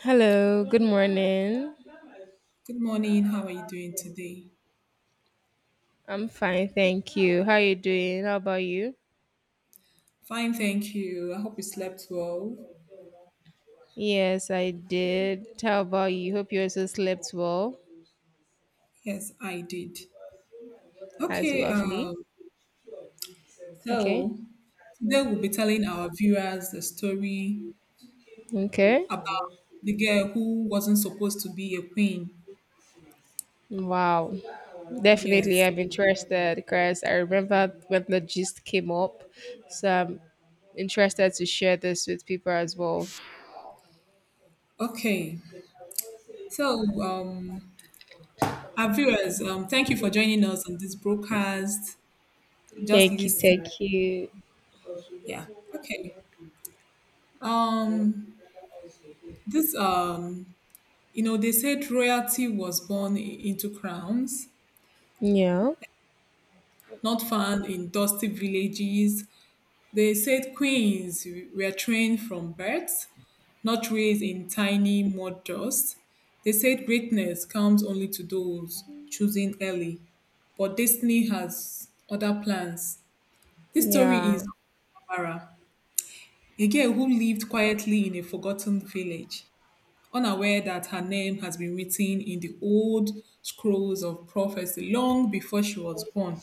Hello, good morning. Good morning. How are you doing today? I'm fine, thank you. How you doing? How about you? Fine, thank you. I hope you slept well. Yes, I did. How about you? Hope you also slept well. Yes, I did. That's Okay, lovely. Okay. so today we'll be telling our viewers the story Okay. about the girl who wasn't supposed to be a queen. Wow. Definitely, Yes. I'm interested because I remember when the gist came up. So I'm interested to share this with people as well. Okay. So, our viewers, thank you for joining us on this broadcast. Just Thank you. listen. Thank you. Yeah. Okay. Um, this, um, they said royalty was born into crowns, Yeah. not found in dusty villages. They said queens were trained from birth, not raised in tiny mud dust. They said greatness comes only to those choosing early, but destiny has other plans. This story is Yeah. of Amara, a girl who lived quietly in a forgotten village, unaware that her name has been written in the old scrolls of prophecy long before she was born.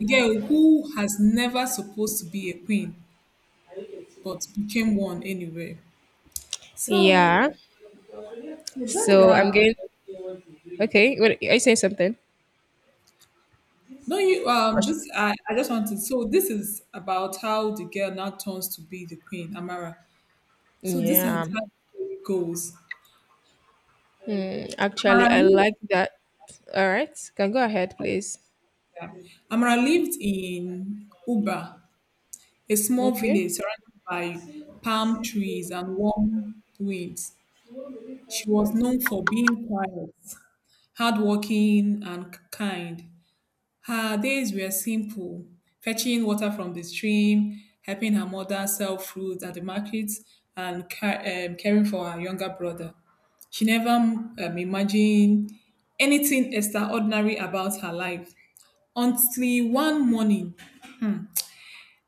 A girl who has never supposed to be a queen, but became one anyway. So, Yeah. so that is So I'm going. Okay. What, are you saying something? no you this I just wanted, so this is about how the girl now turns to be the queen, Amara. So this is how the Yeah. story goes. Hmm. Actually, Amara I lived, like that. All right. Can go ahead, please. yeah. Amara lived in Uba, a small Okay. village surrounded by palm trees and warm winds. She was known for being quiet, hardworking, and kind. Her days were simple, fetching water from the stream, helping her mother sell fruit at the market, and caring for her younger brother. She never imagined anything extraordinary about her life until one morning,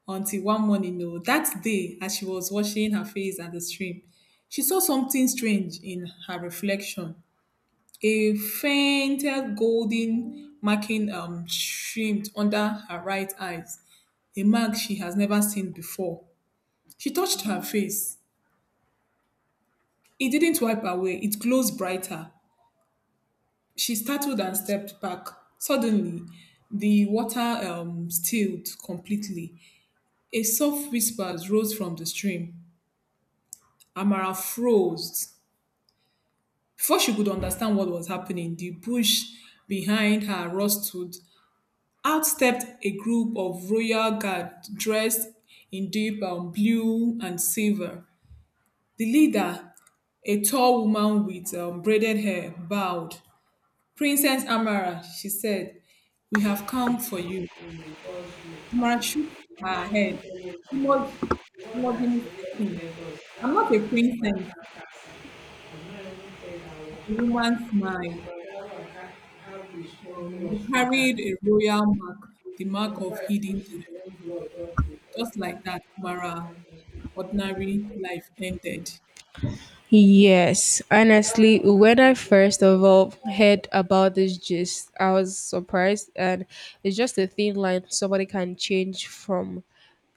until one morning, no, that day, as she was washing her face at the stream, she saw something strange in her reflection. A fainted golden marking streamed under her right eyes, a mark she has never seen before. She touched her face. It didn't wipe away, it glows brighter. She startled and stepped back. Suddenly, the water stilled completely. A soft whisper rose from the stream. Amara froze. Before she could understand what was happening, the bush behind her rustled. Out stepped a group of royal guard dressed in deep blue and silver. The leader, a tall woman with braided hair, bowed. Princess Amara, she said, we have come for you. Amara shook her head. You must, you must be mistaken. I'm not a princess. The woman smiled. You carried a royal mark, the mark of hidden. Just like that, Amara ordinary life ended. Yes, honestly, when I first of all heard about this gist, I was surprised, and it's just a thin line somebody can change from.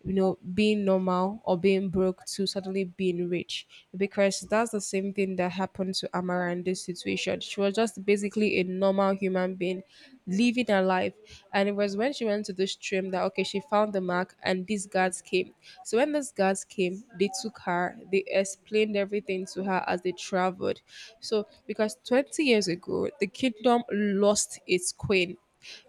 You know, being normal or being broke to suddenly being rich. Because that's the same thing that happened to Amara in this situation. She was just basically a normal human being living her life. And it was when she went to the stream that, okay, she found the mark and these guards came. So when these guards came, they took her, they explained everything to her as they traveled. So, because 20 years ago, the kingdom lost its queen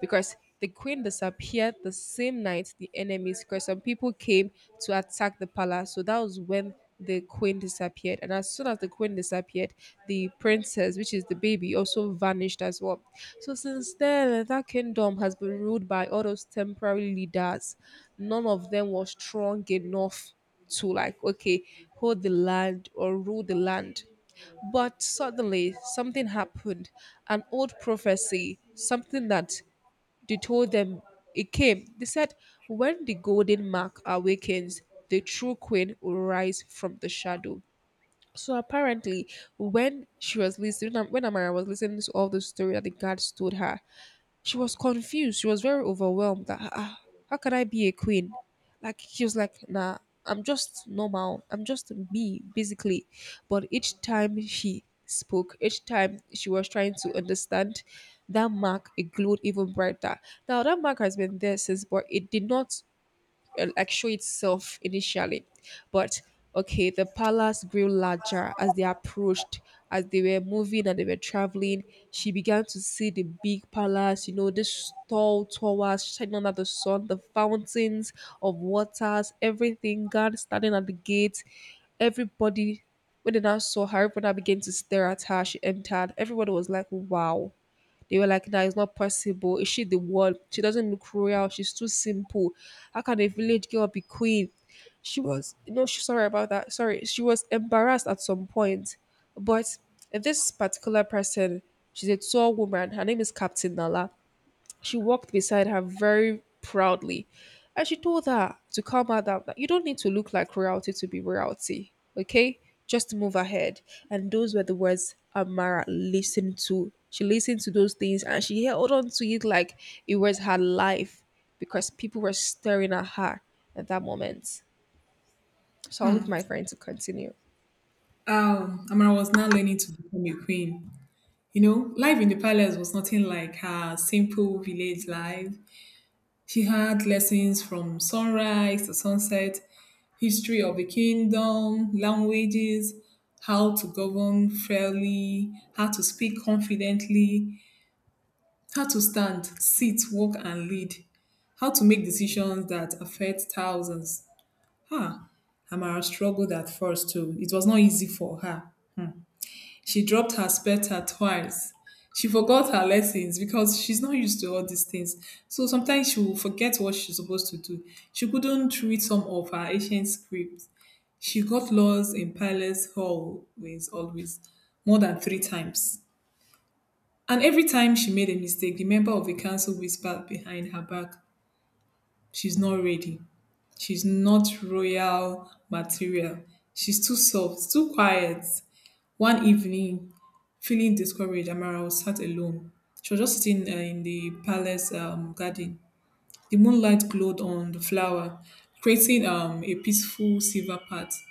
because the queen disappeared the same night the enemies, because some people came to attack the palace. So that was when the queen disappeared. And as soon as the queen disappeared, the princess, which is the baby, also vanished as well. So since then, that kingdom has been ruled by all those temporary leaders. None of them was strong enough to like okay hold the land or rule the land, but suddenly something happened, an old prophecy, something that they told them, it came. They said, when the golden mark awakens, the true queen will rise from the shadow. So apparently, when she was listening, when Amara was listening to all the story that the guards told her, she was confused. She was very overwhelmed that, ah, ah, how can I be a queen? Like, she was like, nah, I'm just normal. I'm just me, basically. But each time she spoke, each time she was trying to understand, that mark, it glowed even brighter. Now, that mark has been there since, but it did not like show itself initially, but okay the palace grew larger as they approached. As they were moving and they were traveling, she began to see the big palace, you know, this tall towers shining under the sun, the fountains of waters, everything god standing at the gate. Everybody, when they now saw her, everyone now began to stare at her. She entered, everybody was like wow. They were like, "That is not possible. Is she the one? She doesn't look royal. She's too simple. How can a village girl be queen?" She was, no, she, sorry about that. Sorry, she was embarrassed at some point. But this particular person, she's a tall woman. Her name is Captain Nala. She walked beside her very proudly and she told her to calm her down that you don't need to look like royalty to be royalty, okay? Just move ahead. And those were the words Amara listened to. She listened to those things and she held on to it like it was her life because people were staring at her at that moment. So I'll leave my friend to continue. Amara was now learning to become a queen. Life in the palace was nothing like her simple village life. She had lessons from sunrise to sunset, history of the kingdom, languages, how to govern fairly, how to speak confidently, how to stand, sit, walk, and lead, how to make decisions that affect thousands. Ah, Amara struggled at first too. It was not easy for her. Hmm. She dropped her specter twice. She forgot her lessons because she's not used to all these things. So sometimes she will forget what she's supposed to do. She couldn't read some of her ancient scripts. She got lost in Palace hallways always, more than three times. And every time she made a mistake, the member of the council whispered behind her back, she's not ready. She's not royal material. She's too soft, too quiet. One evening, feeling discouraged, Amara was sat alone. She was just sitting in the palace garden. The moonlight glowed on the flower, creating a peaceful silver path.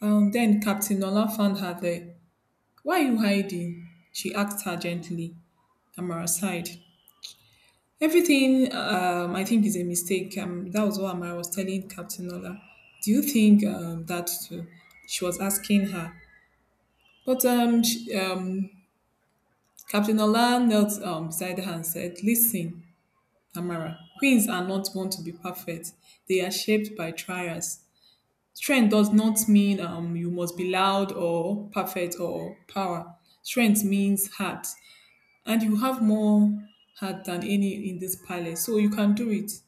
Then Captain Nola found her there. Why are you hiding? She asked her gently. Amara sighed. Everything, I think, is a mistake. That was what Amara was telling Captain Nola. Do you think that too? She was asking her. But um, she, um, Captain Nola knelt beside her and said, Listen, Amara, queens are not born to be perfect. They are shaped by trials. Strength does not mean you must be loud or perfect or power. Strength means heart. And you have more heart than any in this palace. So you can do it.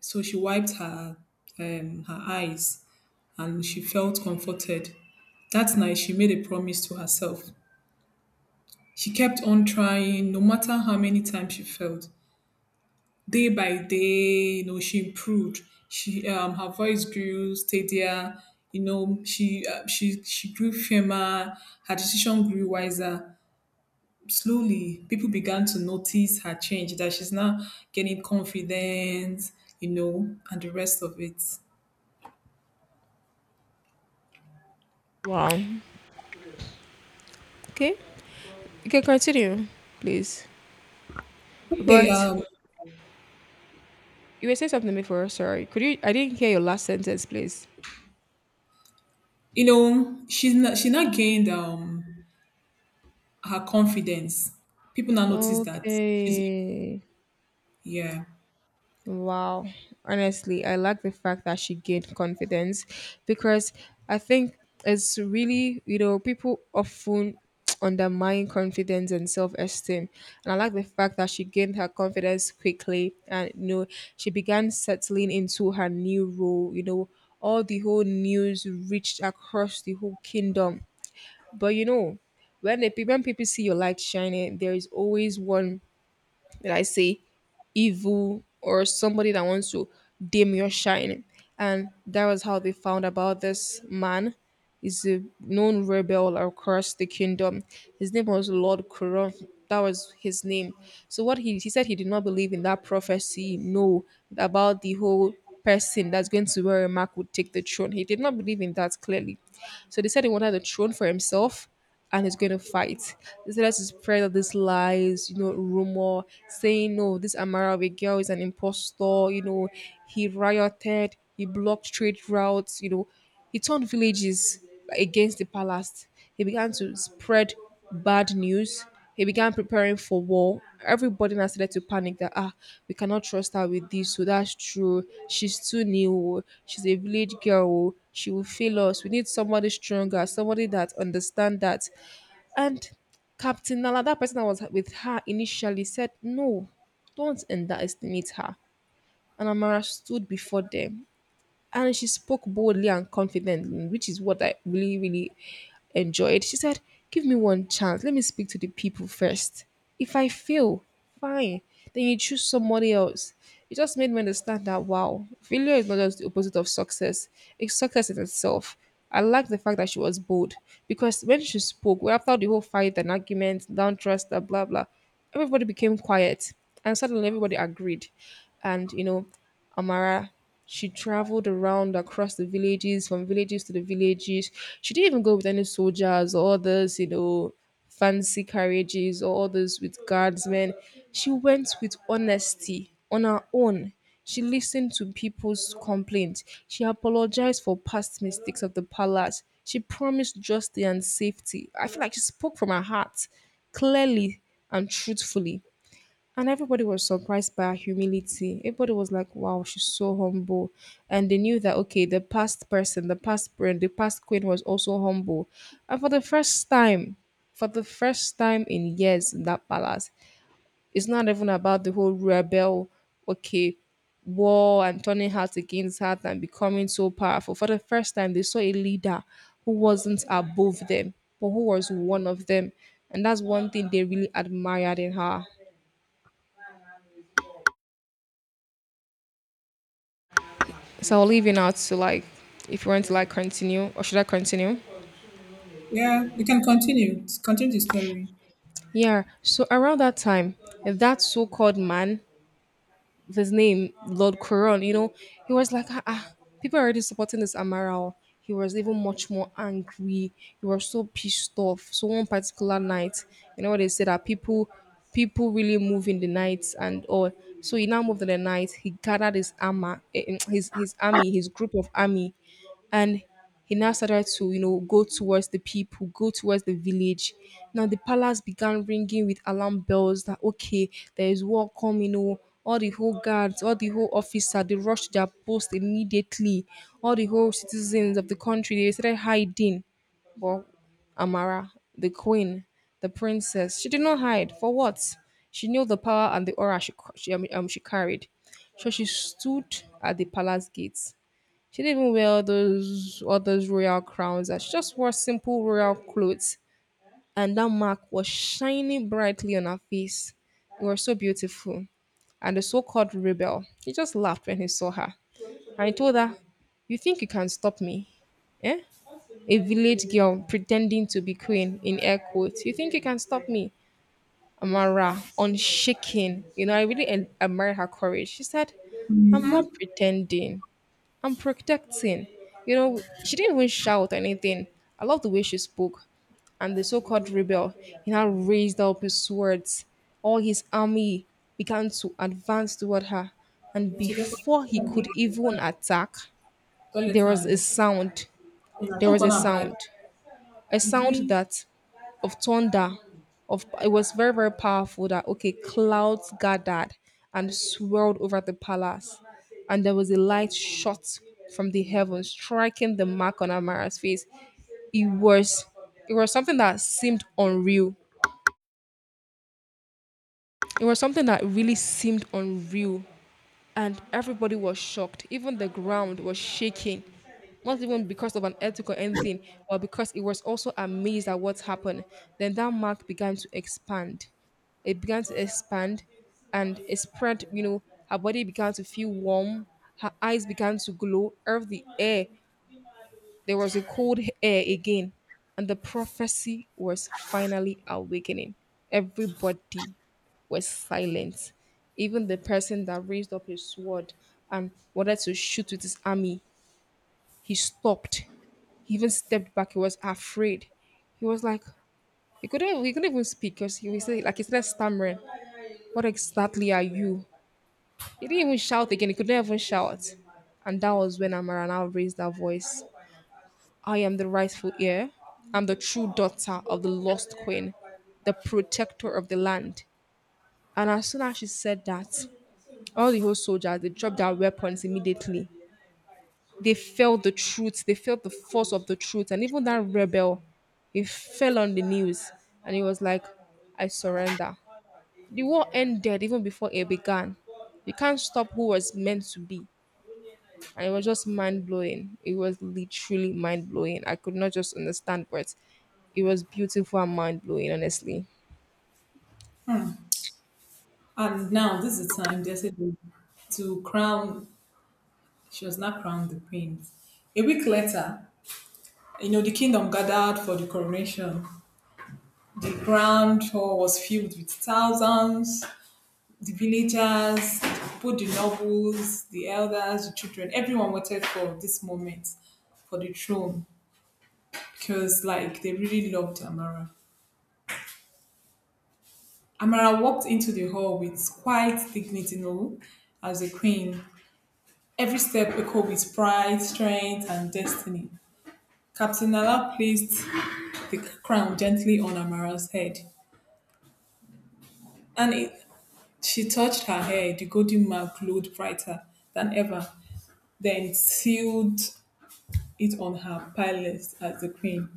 So she wiped her eyes and she felt comforted. That night, she made a promise to herself. She kept on trying, no matter how many times she failed. Day by day, she improved. Her voice grew steadier. She grew firmer. Her decision grew wiser. Slowly, people began to notice her change. That she's now getting confidence. And the rest of it. Wow. Okay. You can continue, please. Okay, But you were saying something before, sorry. Could you I didn't hear your last sentence, please. She's not she not gained her confidence. People now notice that she's Okay. yeah. Wow. Honestly, I like the fact that she gained confidence because I think it's really, you know, people often undermine confidence and self esteem. And I like the fact that she gained her confidence quickly and, you know, she began settling into her new role. You know, all the whole news reached across the whole kingdom. But, you know, when, the, when people see your light shining, there is always one, did I say evil or somebody that wants to dim your shine. And that was how they found about this man. He's a known rebel across the kingdom. His name was Lord Kuron. That was his name. So what he said he did not believe in that prophecy, no, about the whole person that's going to wear a mark would take the throne. He did not believe in that clearly. So they said he wanted the throne for himself and he's going to fight. They said to spread all these lies, you know, rumor, saying, no, this Amara of a girl is an impostor, you know, he rioted, he blocked trade routes, you know, he turned villages against the palace. He began to spread bad news. He began preparing for war. Everybody now started to panic that ah, we cannot trust her with this. So that's true. She's too new. Oh. She's a village girl. Oh. She will fail us. We need somebody stronger, somebody that understand that. And Captain Nala, that person that was with her initially said, no, don't underestimate her. And Amara stood before them and she spoke boldly and confidently, which is what I really enjoyed. She said, give me one chance. Let me speak to the people first. If I fail, fine. Then you choose somebody else. It just made me understand that wow, failure is not just the opposite of success, it's success in itself. I like the fact that she was bold because when she spoke, well, after the whole fight and argument, down trust, blah, blah, everybody became quiet and suddenly everybody agreed. And, you know, Amara. She traveled around across the villages, from villages to the villages. She didn't even go with any soldiers or others, you know, fancy carriages or others with guardsmen. She went with honesty on her own. She listened to people's complaints. She apologized for past mistakes of the palace. She promised justice and safety. I feel like she spoke from her heart clearly and truthfully. And everybody was surprised by her humility. Everybody was like, wow, she's so humble. And they knew that, okay, the past person, the past brand, the past queen was also humble. And for the first time, for the first time in years in that palace, it's not even about the whole rebel, okay, war and turning heart against heart and becoming so powerful. For the first time, they saw a leader who wasn't above them, but who was one of them. And that's one thing they really admired in her. So I'll leave you now to like if you want to like continue or should I continue? Yeah, you can continue. Continue the story. Yeah. So around that time, that so-called man, his name Lord Coron, you know, he was like, ah, ah, people are already supporting this Amaral. He was even much more angry. He was so pissed off. So one particular night, you know, what they say that people really move in the night and all. So he now moved in the night. He gathered his armor, his army, his group of army, and he now started to you know go towards the people, go towards the village. Now the palace began ringing with alarm bells that okay there is war coming, oh, all the whole guards, all the whole officer, they rushed their post immediately. All the whole citizens of the country, they started hiding. But Amara, the queen, the princess, she did not hide for what? She knew the power and the aura she carried. So she stood at the palace gates. She didn't even wear those all those royal crowns. She just wore simple royal clothes, and that mark was shining brightly on her face. It was so beautiful. And the so-called rebel, he just laughed when he saw her. And he told her, "You think you can stop me? Eh? A village girl pretending to be queen in air quotes. You think you can stop me?" Amara, unshaken. You know, I really admire her courage. She said, "I'm Mm-hmm. not pretending. I'm protecting. You know, she didn't even shout anything. I love the way she spoke. And the so called rebel, he now raised up his swords. All his army began to advance toward her. And She's a- before he could even attack, Call your there was time, a yo. sound. You know, There don't was gonna brag. A sound Between that of thunder of it was very very powerful that okay clouds gathered and swirled over the palace, and there was a light shot from the heavens striking the mark on Amara's face. It was, it was something that seemed unreal. It was something that really seemed unreal, and everybody was shocked. Even the ground was shaking. Not even because of an earthquake or anything, but because it was also amazed at what happened. Then that mark began to expand. It began to expand and it spread, you know, her body began to feel warm, her eyes began to glow, earth the air, there was a cold air again, and the prophecy was finally awakening. Everybody was silent. Even the person that raised up his sword and wanted to shoot with his army, he stopped. He even stepped back. He was afraid. He was like, he couldn't even speak because he was like, he started stammering. What exactly are you? He didn't even shout again. He couldn't even shout. And that was when Amara now raised her voice. I am the rightful heir. I'm the true daughter of the lost queen, the protector of the land. And as soon as she said that, all the whole soldiers they dropped their weapons immediately. They felt the truth, they felt the force of the truth, and even that rebel, he fell on the knees and he was like, I surrender. The war ended even before it began. You can't stop who was meant to be. And it was just mind blowing. It was literally mind blowing. I could not just understand, but it was beautiful and mind blowing. Honestly, And now this is the time they said to crown, she was not crowned the queen. A week later, the kingdom gathered for the coronation. The grand hall was filled with thousands, the villagers, both the nobles, the elders, the children, everyone waited for this moment for the throne because like they really loved Amara. Amara walked into the hall with quite dignity, as a queen. Every step echoed with pride, strength, and destiny. Captain Nala placed the crown gently on Amara's head, and it, she touched her hair. The golden mark glowed brighter than ever, then sealed it on her palace as the queen.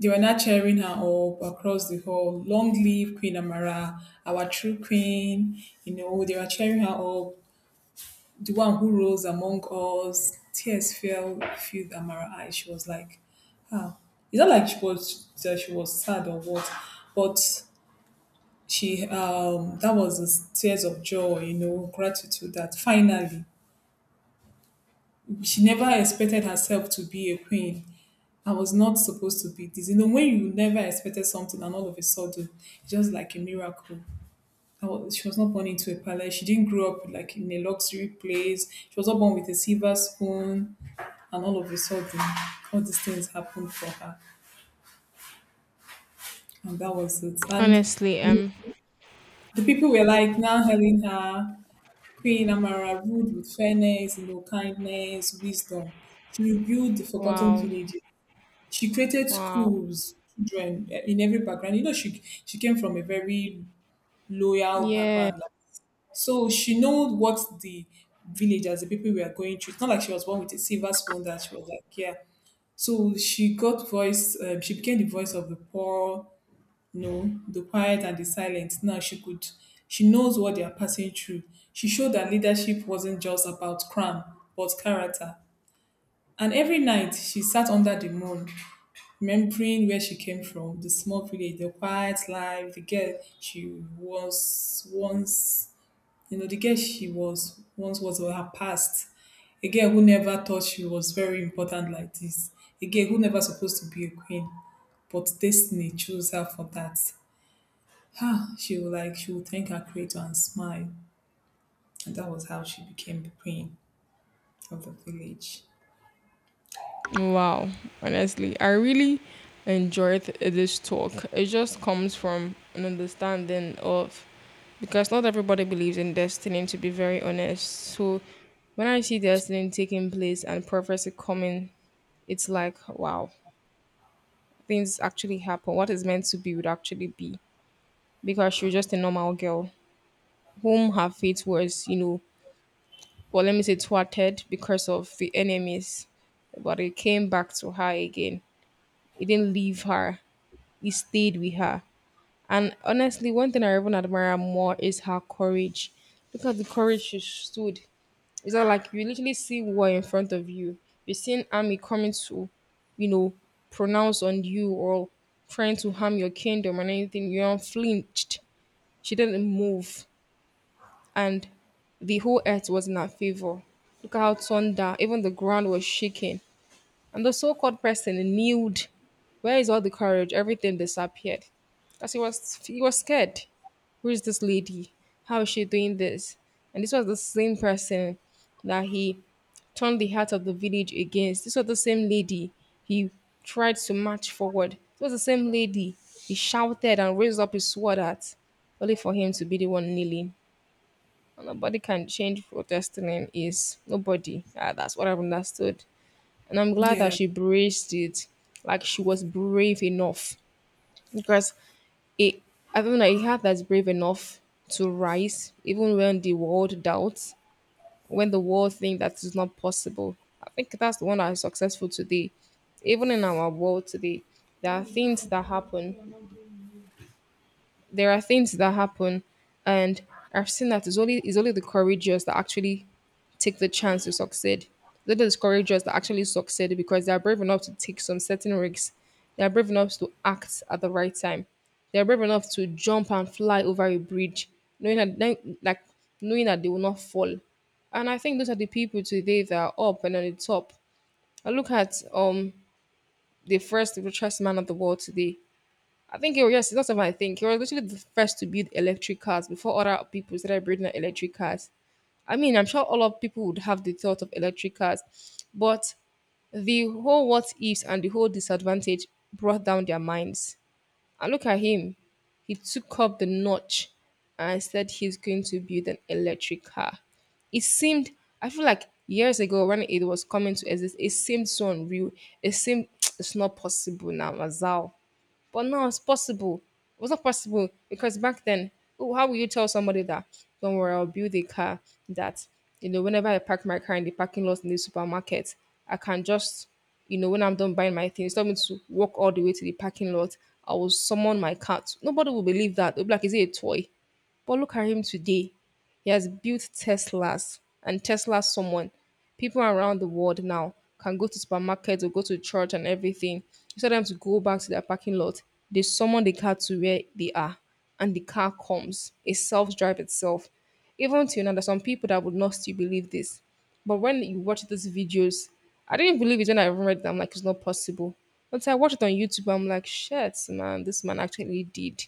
They were not cheering her up across the hall. Long live Queen Amara, our true queen. They were cheering her up. The one who rose among us. Tears fell, filled Amara's eyes. She was like, ah. It's not like she was that she was sad or what, but she that was the tears of joy, gratitude that finally she never expected herself to be a queen. I was not supposed to be this. When you never expected something and all of a sudden, it's just like a miracle. She was not born into a palace. She didn't grow up like in a luxury place. She was not born with a silver spoon. And all of a sudden, all these things happened for her. And that was it. And honestly, the um, the people were like now hailing her Queen Amara, ruled with fairness, kindness, wisdom. She rebuilt the forgotten wow, villages. She created wow, schools, children, in every background. She came from a very loyal yeah, background, like, so she knows what the villagers, the people were going through. It's not like she was born with a silver spoon that she was like, yeah. So she got voice. She became the voice of the poor, the quiet and the silent. Now she could. She knows what they are passing through. She showed that leadership wasn't just about crown, but character. And every night she sat under the moon remembering where she came from, the small village, the quiet life, the girl she was once, the girl she was once was or her past. A girl who never thought she was very important like this. A girl who never supposed to be a queen, but destiny chose her for that. Ah, she would thank her creator and smile, and that was how she became the queen of the village. wow. Honestly, I really enjoyed this talk. It just comes from an understanding of because not everybody believes in destiny. To be very honest, so when I see destiny taking place and prophecy coming, it's like wow, things actually happen, what is meant to be would actually be. Because she was just a normal girl whom her fate was, you know, well, let me say thwarted because of the enemies. But it came back to her again. It didn't leave her, it stayed with her. And honestly, one thing I even admire more is her courage. Look at the courage she stood. It's not like you literally see war in front of you. You're seeing army coming to, you know, pronounce on you or trying to harm your kingdom and anything. You unflinched. She didn't move. And the whole earth was in her favor. Look at how torn down. Even the ground was shaking. And the so-called person kneeled. Where is all the courage? Everything disappeared. Because he was scared. Who's this lady? How is she doing this? And this was the same person that he turned the heart of the village against. This was the same lady he tried to march forward. This was the same lady he shouted and raised up his sword at, only for him to be the one kneeling. And nobody can change what destiny is. Nobody. Ah, that's what I've understood. And I'm glad that Yeah. she braced it, like she was brave enough. Because it, I don't know, a heart that's brave enough to rise even when the world doubts, when the world thinks that is not possible. I think that's the one that is successful today. Even in our world today, there are things that happen there are things that happen, and I've seen that it's only the courageous that actually take the chance to succeed. It's are the courageous that actually succeed because they are brave enough to take some certain risks. They are brave enough to act at the right time. They are brave enough to jump and fly over a bridge, like knowing that they will not fall. And I think those are the people today that are up and on the top. I look at the first richest man of the world today. I think you were, yes, that's what I think. You was literally the first to build electric cars before other people started building electric cars. I mean, I'm sure all of people would have the thought of electric cars, but the whole what ifs and the whole disadvantage brought down their minds. And look at him. He took up the notch and said he's going to build an electric car. It seemed, I feel like years ago when it was coming to exist, it seemed so unreal. It seemed it's not possible now, Mazal. But now it's possible. It was not possible because back then, oh, how will you tell somebody that, don't worry, I'll build a car that, you know, whenever I park my car in the parking lot in the supermarket, I can just, you know, when I'm done buying my things, tell me to walk all the way to the parking lot. I will summon my cat. Nobody will believe that. They'll be like, is it a toy? But look at him today. He has built Teslas and Tesla someone. People around the world now can go to supermarkets or go to church and everything. Instead of them to go back to their parking lot, they summon the car to where they are and the car comes. It self-drive itself. Even till now, there's some people that would not still believe this. But when you watch these videos, I didn't believe it when I even read them. Like it's not possible. But I watched it on YouTube. I'm like, shit, man, this man actually did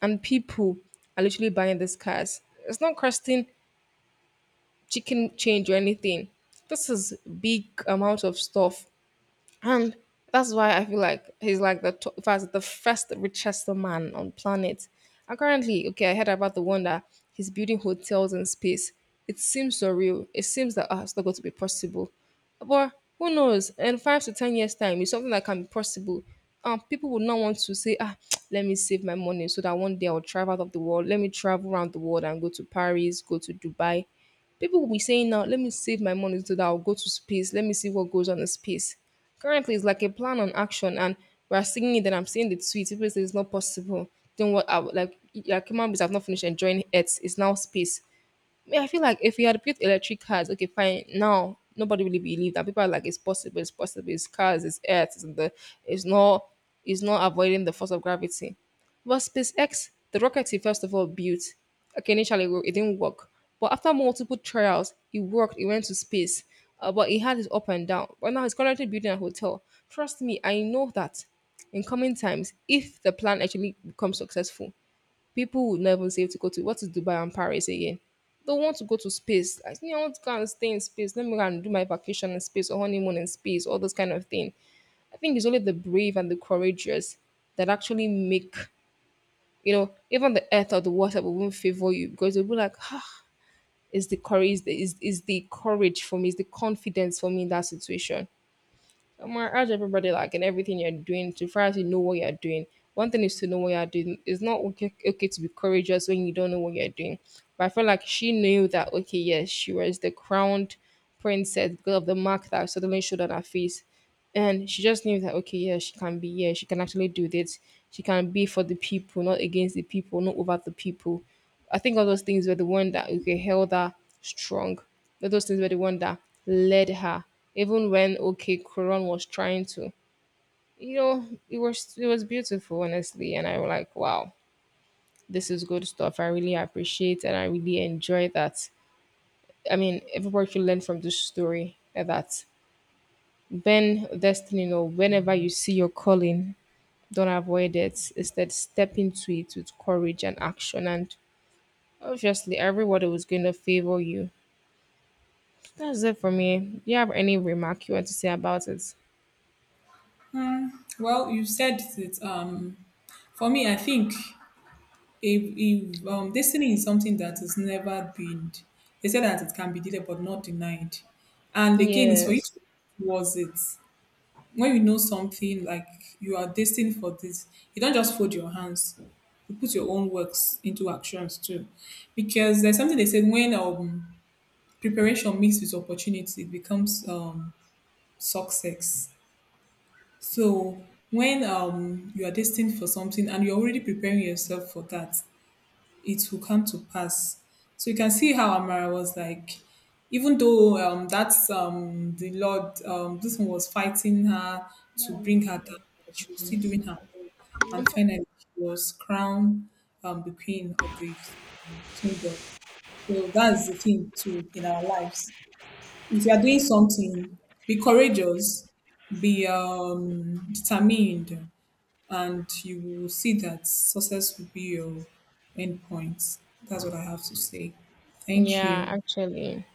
and people are literally buying these cars. It's not costing chicken change or anything. This is big amount of stuff and that's why I feel like he's like the to- in the first richest man on planet. And currently, okay, I heard about the one that he's building hotels in space. It seems surreal. It seems that it's not going to be possible. But who knows? In 5 to 10 years' time, it's something that can be possible. People would not want to say, ah, let me save my money so that one day I'll travel out of the world. Let me travel around the world and go to Paris, go to Dubai. People will be saying now, let me save my money so that I'll go to space. Let me see what goes on in space. Currently, it's like a plan on action, and we're seeing it. Then I'm seeing the tweets. People say it's not possible. Then what? Like human beings have not finished enjoying Earth. It's now space. Yeah, I feel like if we had built electric cars, okay, fine. Now nobody really believe that. People are like, it's possible, it's possible, it's cars, it's earth, it's not it's not avoiding the force of gravity. But SpaceX, the rocket he first of all built, okay, initially it didn't work. But after multiple trials, it worked, it went to space. But it had its up and down. But now he's currently building a hotel. Trust me, I know that in coming times, if the plan actually becomes successful, people would not even say to go to what is Dubai and Paris again? They want to go to space. I think I want to go and stay in space. Let me go and do my vacation in space or honeymoon in space, all those kind of thing. I think it's only the brave and the courageous that actually make, you know, even the earth or the water will not favor you because they'll be like, ah, is the courage for me, is the confidence for me in that situation. Omar, urge everybody like in everything you're doing to first you know what you're doing. One thing is to know what you're doing. It's not okay to be courageous when you don't know what you're doing. But I feel like she knew that okay, yes, she was the crowned princess because of the mark that suddenly showed on her face. And she just knew that okay, yeah, she can be, yeah, she can actually do this. She can be for the people, not against the people, not over the people. I think all those things were the one that okay held her strong. All those things were the one that led her, even when okay Quran was trying to, you know, it was beautiful honestly, and I was like, wow, this is good stuff. I really appreciate and I really enjoy that. I mean, everybody should learn from this story and that when destiny you know whenever you see your calling, don't avoid it. Instead, step into it with courage and action and. Obviously, everybody was going to favor you. That's it for me. Do you have any remark you want to say about it? Well, you said that for me, I think if if destiny is something that is never been. They say that it can be delayed but not denied. And again, it's for you Yes. to, was it, when you know something like you are destined for this, you don't just fold your hands, you put your own works into actions too, because there's something they said, when preparation meets with opportunity, it becomes success. So when you are destined for something and you're already preparing yourself for that, it will come to pass. So you can see how Amara was like, even though that's the Lord, this one was fighting her to bring her down, but she was still doing her own. And finally, she was crowned the queen of the kingdom. So that's the thing too in our lives. If you are doing something, be courageous, be determined, and you will see that success will be your end point. That's what I have to say. Thank Yeah, you. actually.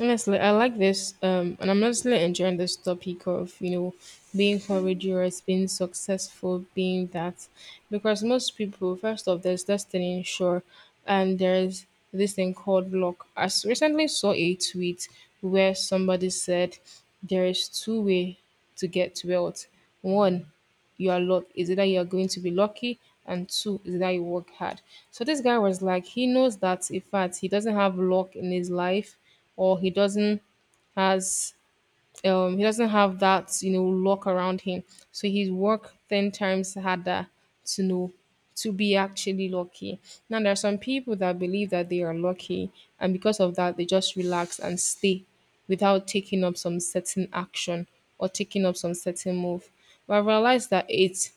Honestly, I like this. And I'm honestly enjoying this topic of, you know, being courageous, being successful, being that. Because most people, first off, there's destiny, sure. And there's this thing called luck. Recently saw a tweet where somebody said there is two way to get wealth. One, you are luck is either you are going to be lucky, and two is that you work hard. So this guy was like he knows that in fact he doesn't have luck in his life, or he doesn't has, he doesn't have that you know lock around him, so he's work 10 times harder to know to be actually lucky. Now there are some people that believe that they are lucky, and because of that they just relax and stay without taking up some certain action or taking up some certain move. But I realized that it's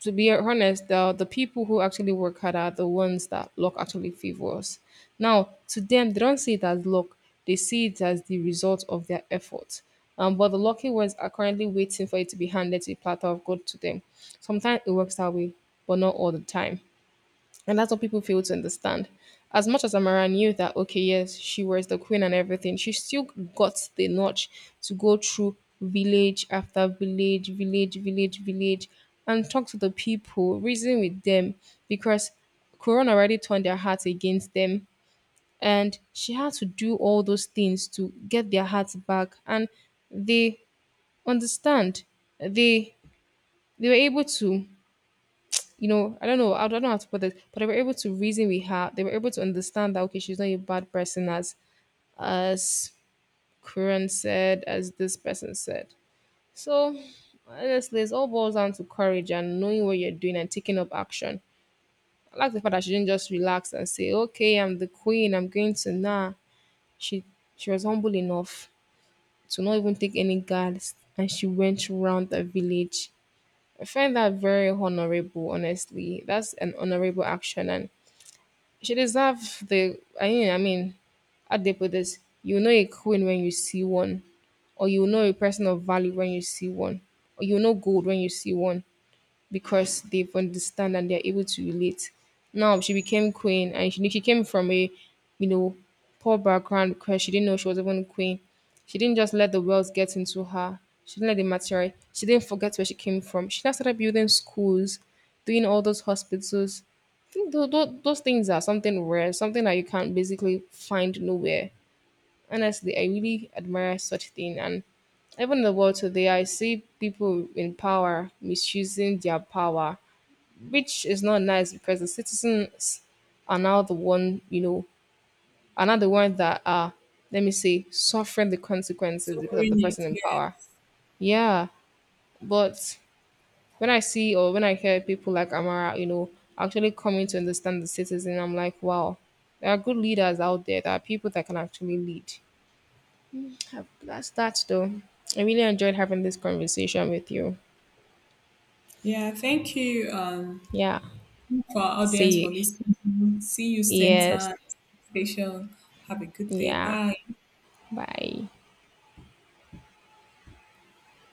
to be honest, the people who actually work hard are the ones that luck actually favors. Now, to them, they don't see it as luck, they see it as the result of their effort. But the lucky ones are currently waiting for it to be handed to a platter of gold to them. Sometimes it works that way, but not all the time. And that's what people fail to understand. As much as Amara knew that, okay, yes, she was the queen and everything, she still got the notch to go through village after village, and talk to the people, reason with them, because Corona already turned their hearts against them. And she had to do all those things to get their hearts back. And they understand. They they were able to you know, I don't know how to put it, but they were able to reason with her. They were able to understand that okay, she's not a bad person as Karen said, as this person said. So honestly, it all boils down to courage and knowing what you're doing and taking up action. I like the fact that she didn't just relax and say, "Okay, I'm the queen. I'm going to nah." She she was humble enough to not even take any guards, and she went around the village. I find that very honorable, honestly. That's an honorable action, and she deserve the. How they put this: you know a queen when you see one, or you know a person of value when you see one, or you know gold when you see one because they've understand and they're able to relate. Now she became queen, and she came from a, you know, poor background because she didn't know she was even queen. She didn't just let the wealth get into her. She didn't let the material. She didn't forget where she came from. She now started building schools, doing all those hospitals. I think those things are something rare, something that you can't basically find nowhere. Honestly, I really admire such thing. And even in the world today, I see people in power misusing their power, which is not nice because the citizens are now the one, you know, are now the one that are, let me say, suffering the consequences So because of bring the it. person in Yeah. power. Yeah, but when I see or when I hear people like Amara, you know, actually coming to understand the citizen, I'm like, wow, there are good leaders out there. There are people that can actually lead. That's that though. I really enjoyed having this conversation with you. Yeah, thank you Yeah. for our audience for See. listening. See you same Yes. time, station. Have a good day. Yeah. Bye. Bye.